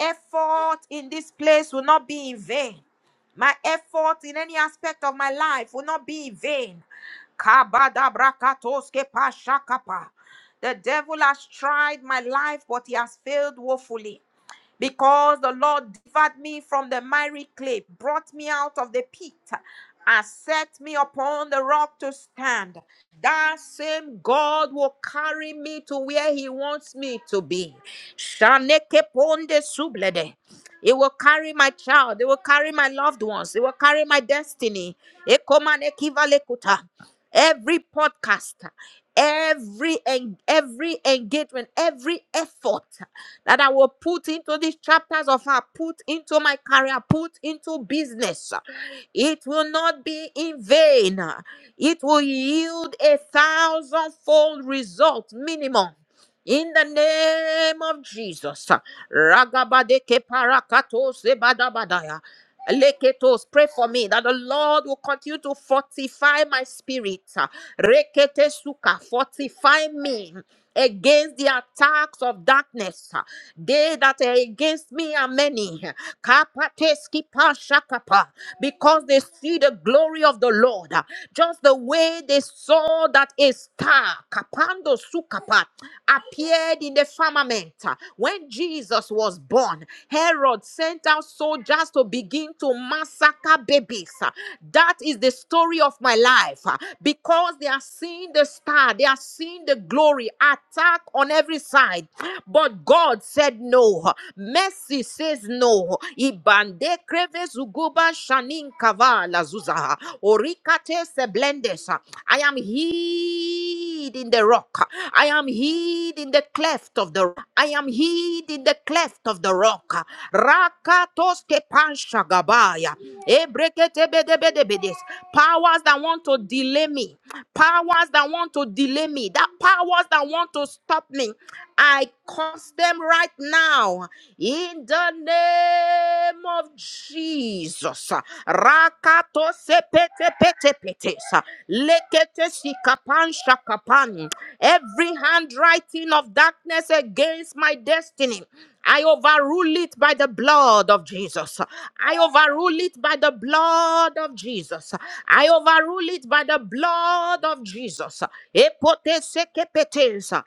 Speaker 1: effort in this place will not be in vain. My effort in any aspect of my life will not be in vain. Kabadabrakatoske pashakapa. The devil has tried my life, but he has failed woefully because the Lord delivered me from the miry clay, brought me out of the pit, and set me upon the rock to stand. That same God will carry me to where He wants me to be. Shaneke ponde sublede. It will carry my child. It will carry my loved ones. It will carry my destiny. Ekomane kivalekuta every podcaster, every en- every engagement, every effort that I will put into these chapters of her, put into my career, put into business, it will not be in vain. It will yield a thousandfold result minimum. In the name of Jesus. Ragabadeke parakatos ebadabadaya. Leketos, pray for me that the Lord will continue to fortify my spirit. Rekete suka, fortify me against the attacks of darkness. They that are against me are many. Kapateski pashakapa, Because they see the glory of the Lord. Just the way they saw that that a star, Kapando Sukapa, appeared in the firmament. When Jesus was born, Herod sent out soldiers to begin to massacre babies. That is the story of my life. Because they are seeing the star, they are seeing the glory, attack on every side. But God said no. Mercy says no. Ibande kreves uguba shanin kavala zuza. Orikate seblendes. I am hid in the rock. I am hid in the cleft of the rock. I am hid in the cleft of the rock. Rakatos kepanshagabaya. Ebreketebedebedebedis. Powers that want to delay me. Powers that want to delay me. That powers that want to stop me. I curse them right now in the name of Jesus. Rakato sepete pete pete sa. lekete sikapan shakapan. Every handwriting of darkness against my destiny. I overrule it by the blood of Jesus. I overrule it by the blood of Jesus. I overrule it by the blood of Jesus. Epote sekepetesa.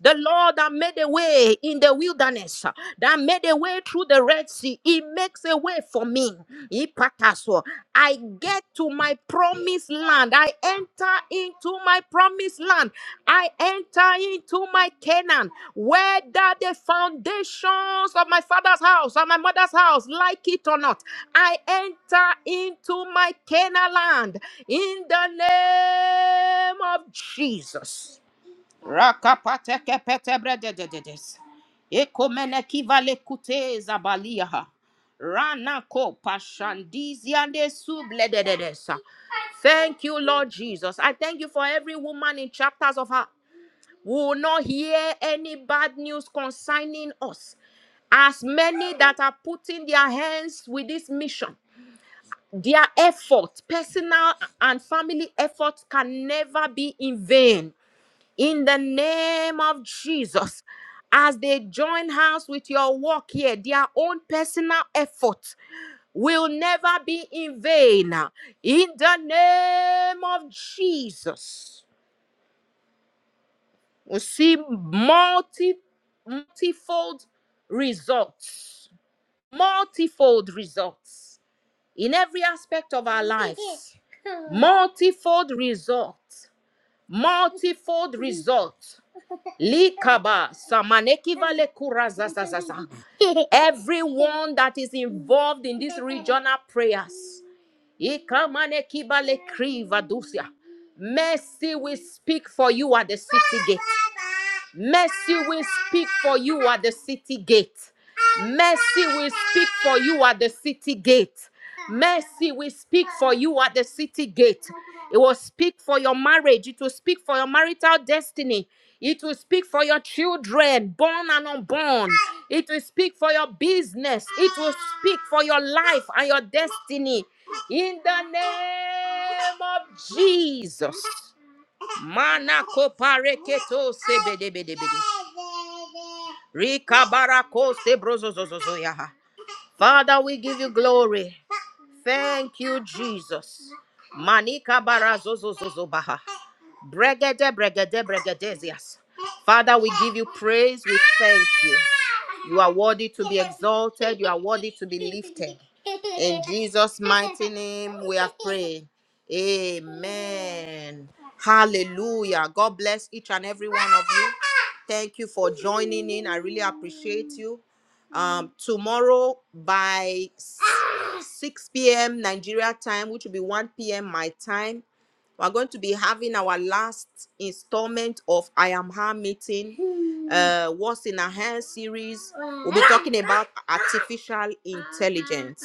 Speaker 1: The Lord that made a way in the wilderness, that made a way through the Red Sea. He makes a way for me. Ipataso. I get to my promised land. I enter into my promised land. I enter into my Canaan, whether the foundations of my father's house or my mother's house like it or not. I enter into my Canaan land in the name of Jesus. Rakapateke petebredededes. Ekomenekivale kute zabaliaha. Ranako pashandiziande subledededesa. Thank you, Lord Jesus. I thank you for every woman in chapters of her. We will not hear any bad news concerning us. As many that are putting their hands with this mission, their effort, personal and family efforts, can never be in vain in the name of Jesus. As they join hands with your work here, their own personal effort will never be in vain. In the name of Jesus, we see multi, multifold results, multifold results in every aspect of our lives, multifold results, multifold results. Likaba samaneki vale kura za za za za. Everyone that is involved in this regional prayers. Ikamaneki vale kriva dusia. Mercy will speak for you at the city gate. Mercy will speak for you at the city gate. Mercy will speak for you at the city gate. Mercy will speak for you at the city gate. It will speak for your marriage. It will speak for your marital destiny. It will speak for your children, born and unborn. It will speak for your business. It will speak for your life and your destiny. In the name of Jesus. Mana kopareketo sebedebedebede. Rikabarako sebrozozozozoyaha. Father, we give you glory. Thank you, Jesus. Manika barazozozozobaha. Bregede, bregede, bregedezias. Father, we give you praise. We thank you. You are worthy to be exalted. You are worthy to be lifted. In Jesus' mighty name, we are praying. Amen. Hallelujah. God bless each and every one of you. Thank you for joining in. I really appreciate you. Um, tomorrow by s- 6 p.m. Nigeria time, which will be 1 p.m. my time, we're going to be having our last installment of I Am Her meeting, uh, What's in Her Hand series. We'll be talking about artificial intelligence.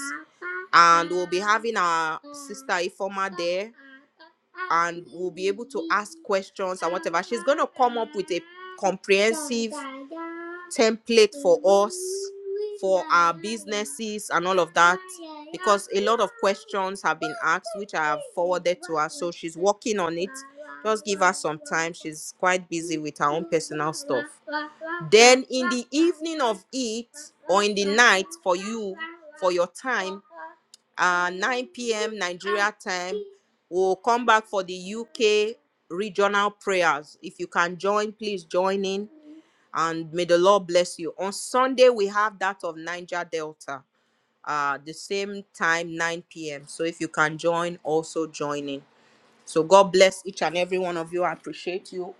Speaker 1: And we'll be having our sister Ifoma there, and we'll be able to ask questions and whatever. She's going to come up with a comprehensive template for us for our businesses and all of that because a lot of questions have been asked which i have forwarded to her so she's working on it just give her some time she's quite busy with her own personal stuff then in the evening of it or in the night for you for your time uh 9 p.m nigeria time we'll come back for the uk regional prayers if you can join please join in and may the Lord bless you. On Sunday, we have that of Niger Delta, uh, the same time, 9 p.m. So if you can join, also join in. So God bless each and every one of you. I appreciate you,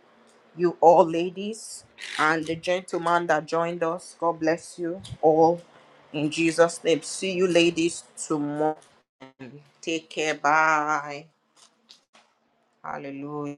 Speaker 1: you all ladies, and the gentleman that joined us. God bless you all in Jesus' name. See you ladies tomorrow. Take care. Bye. Hallelujah.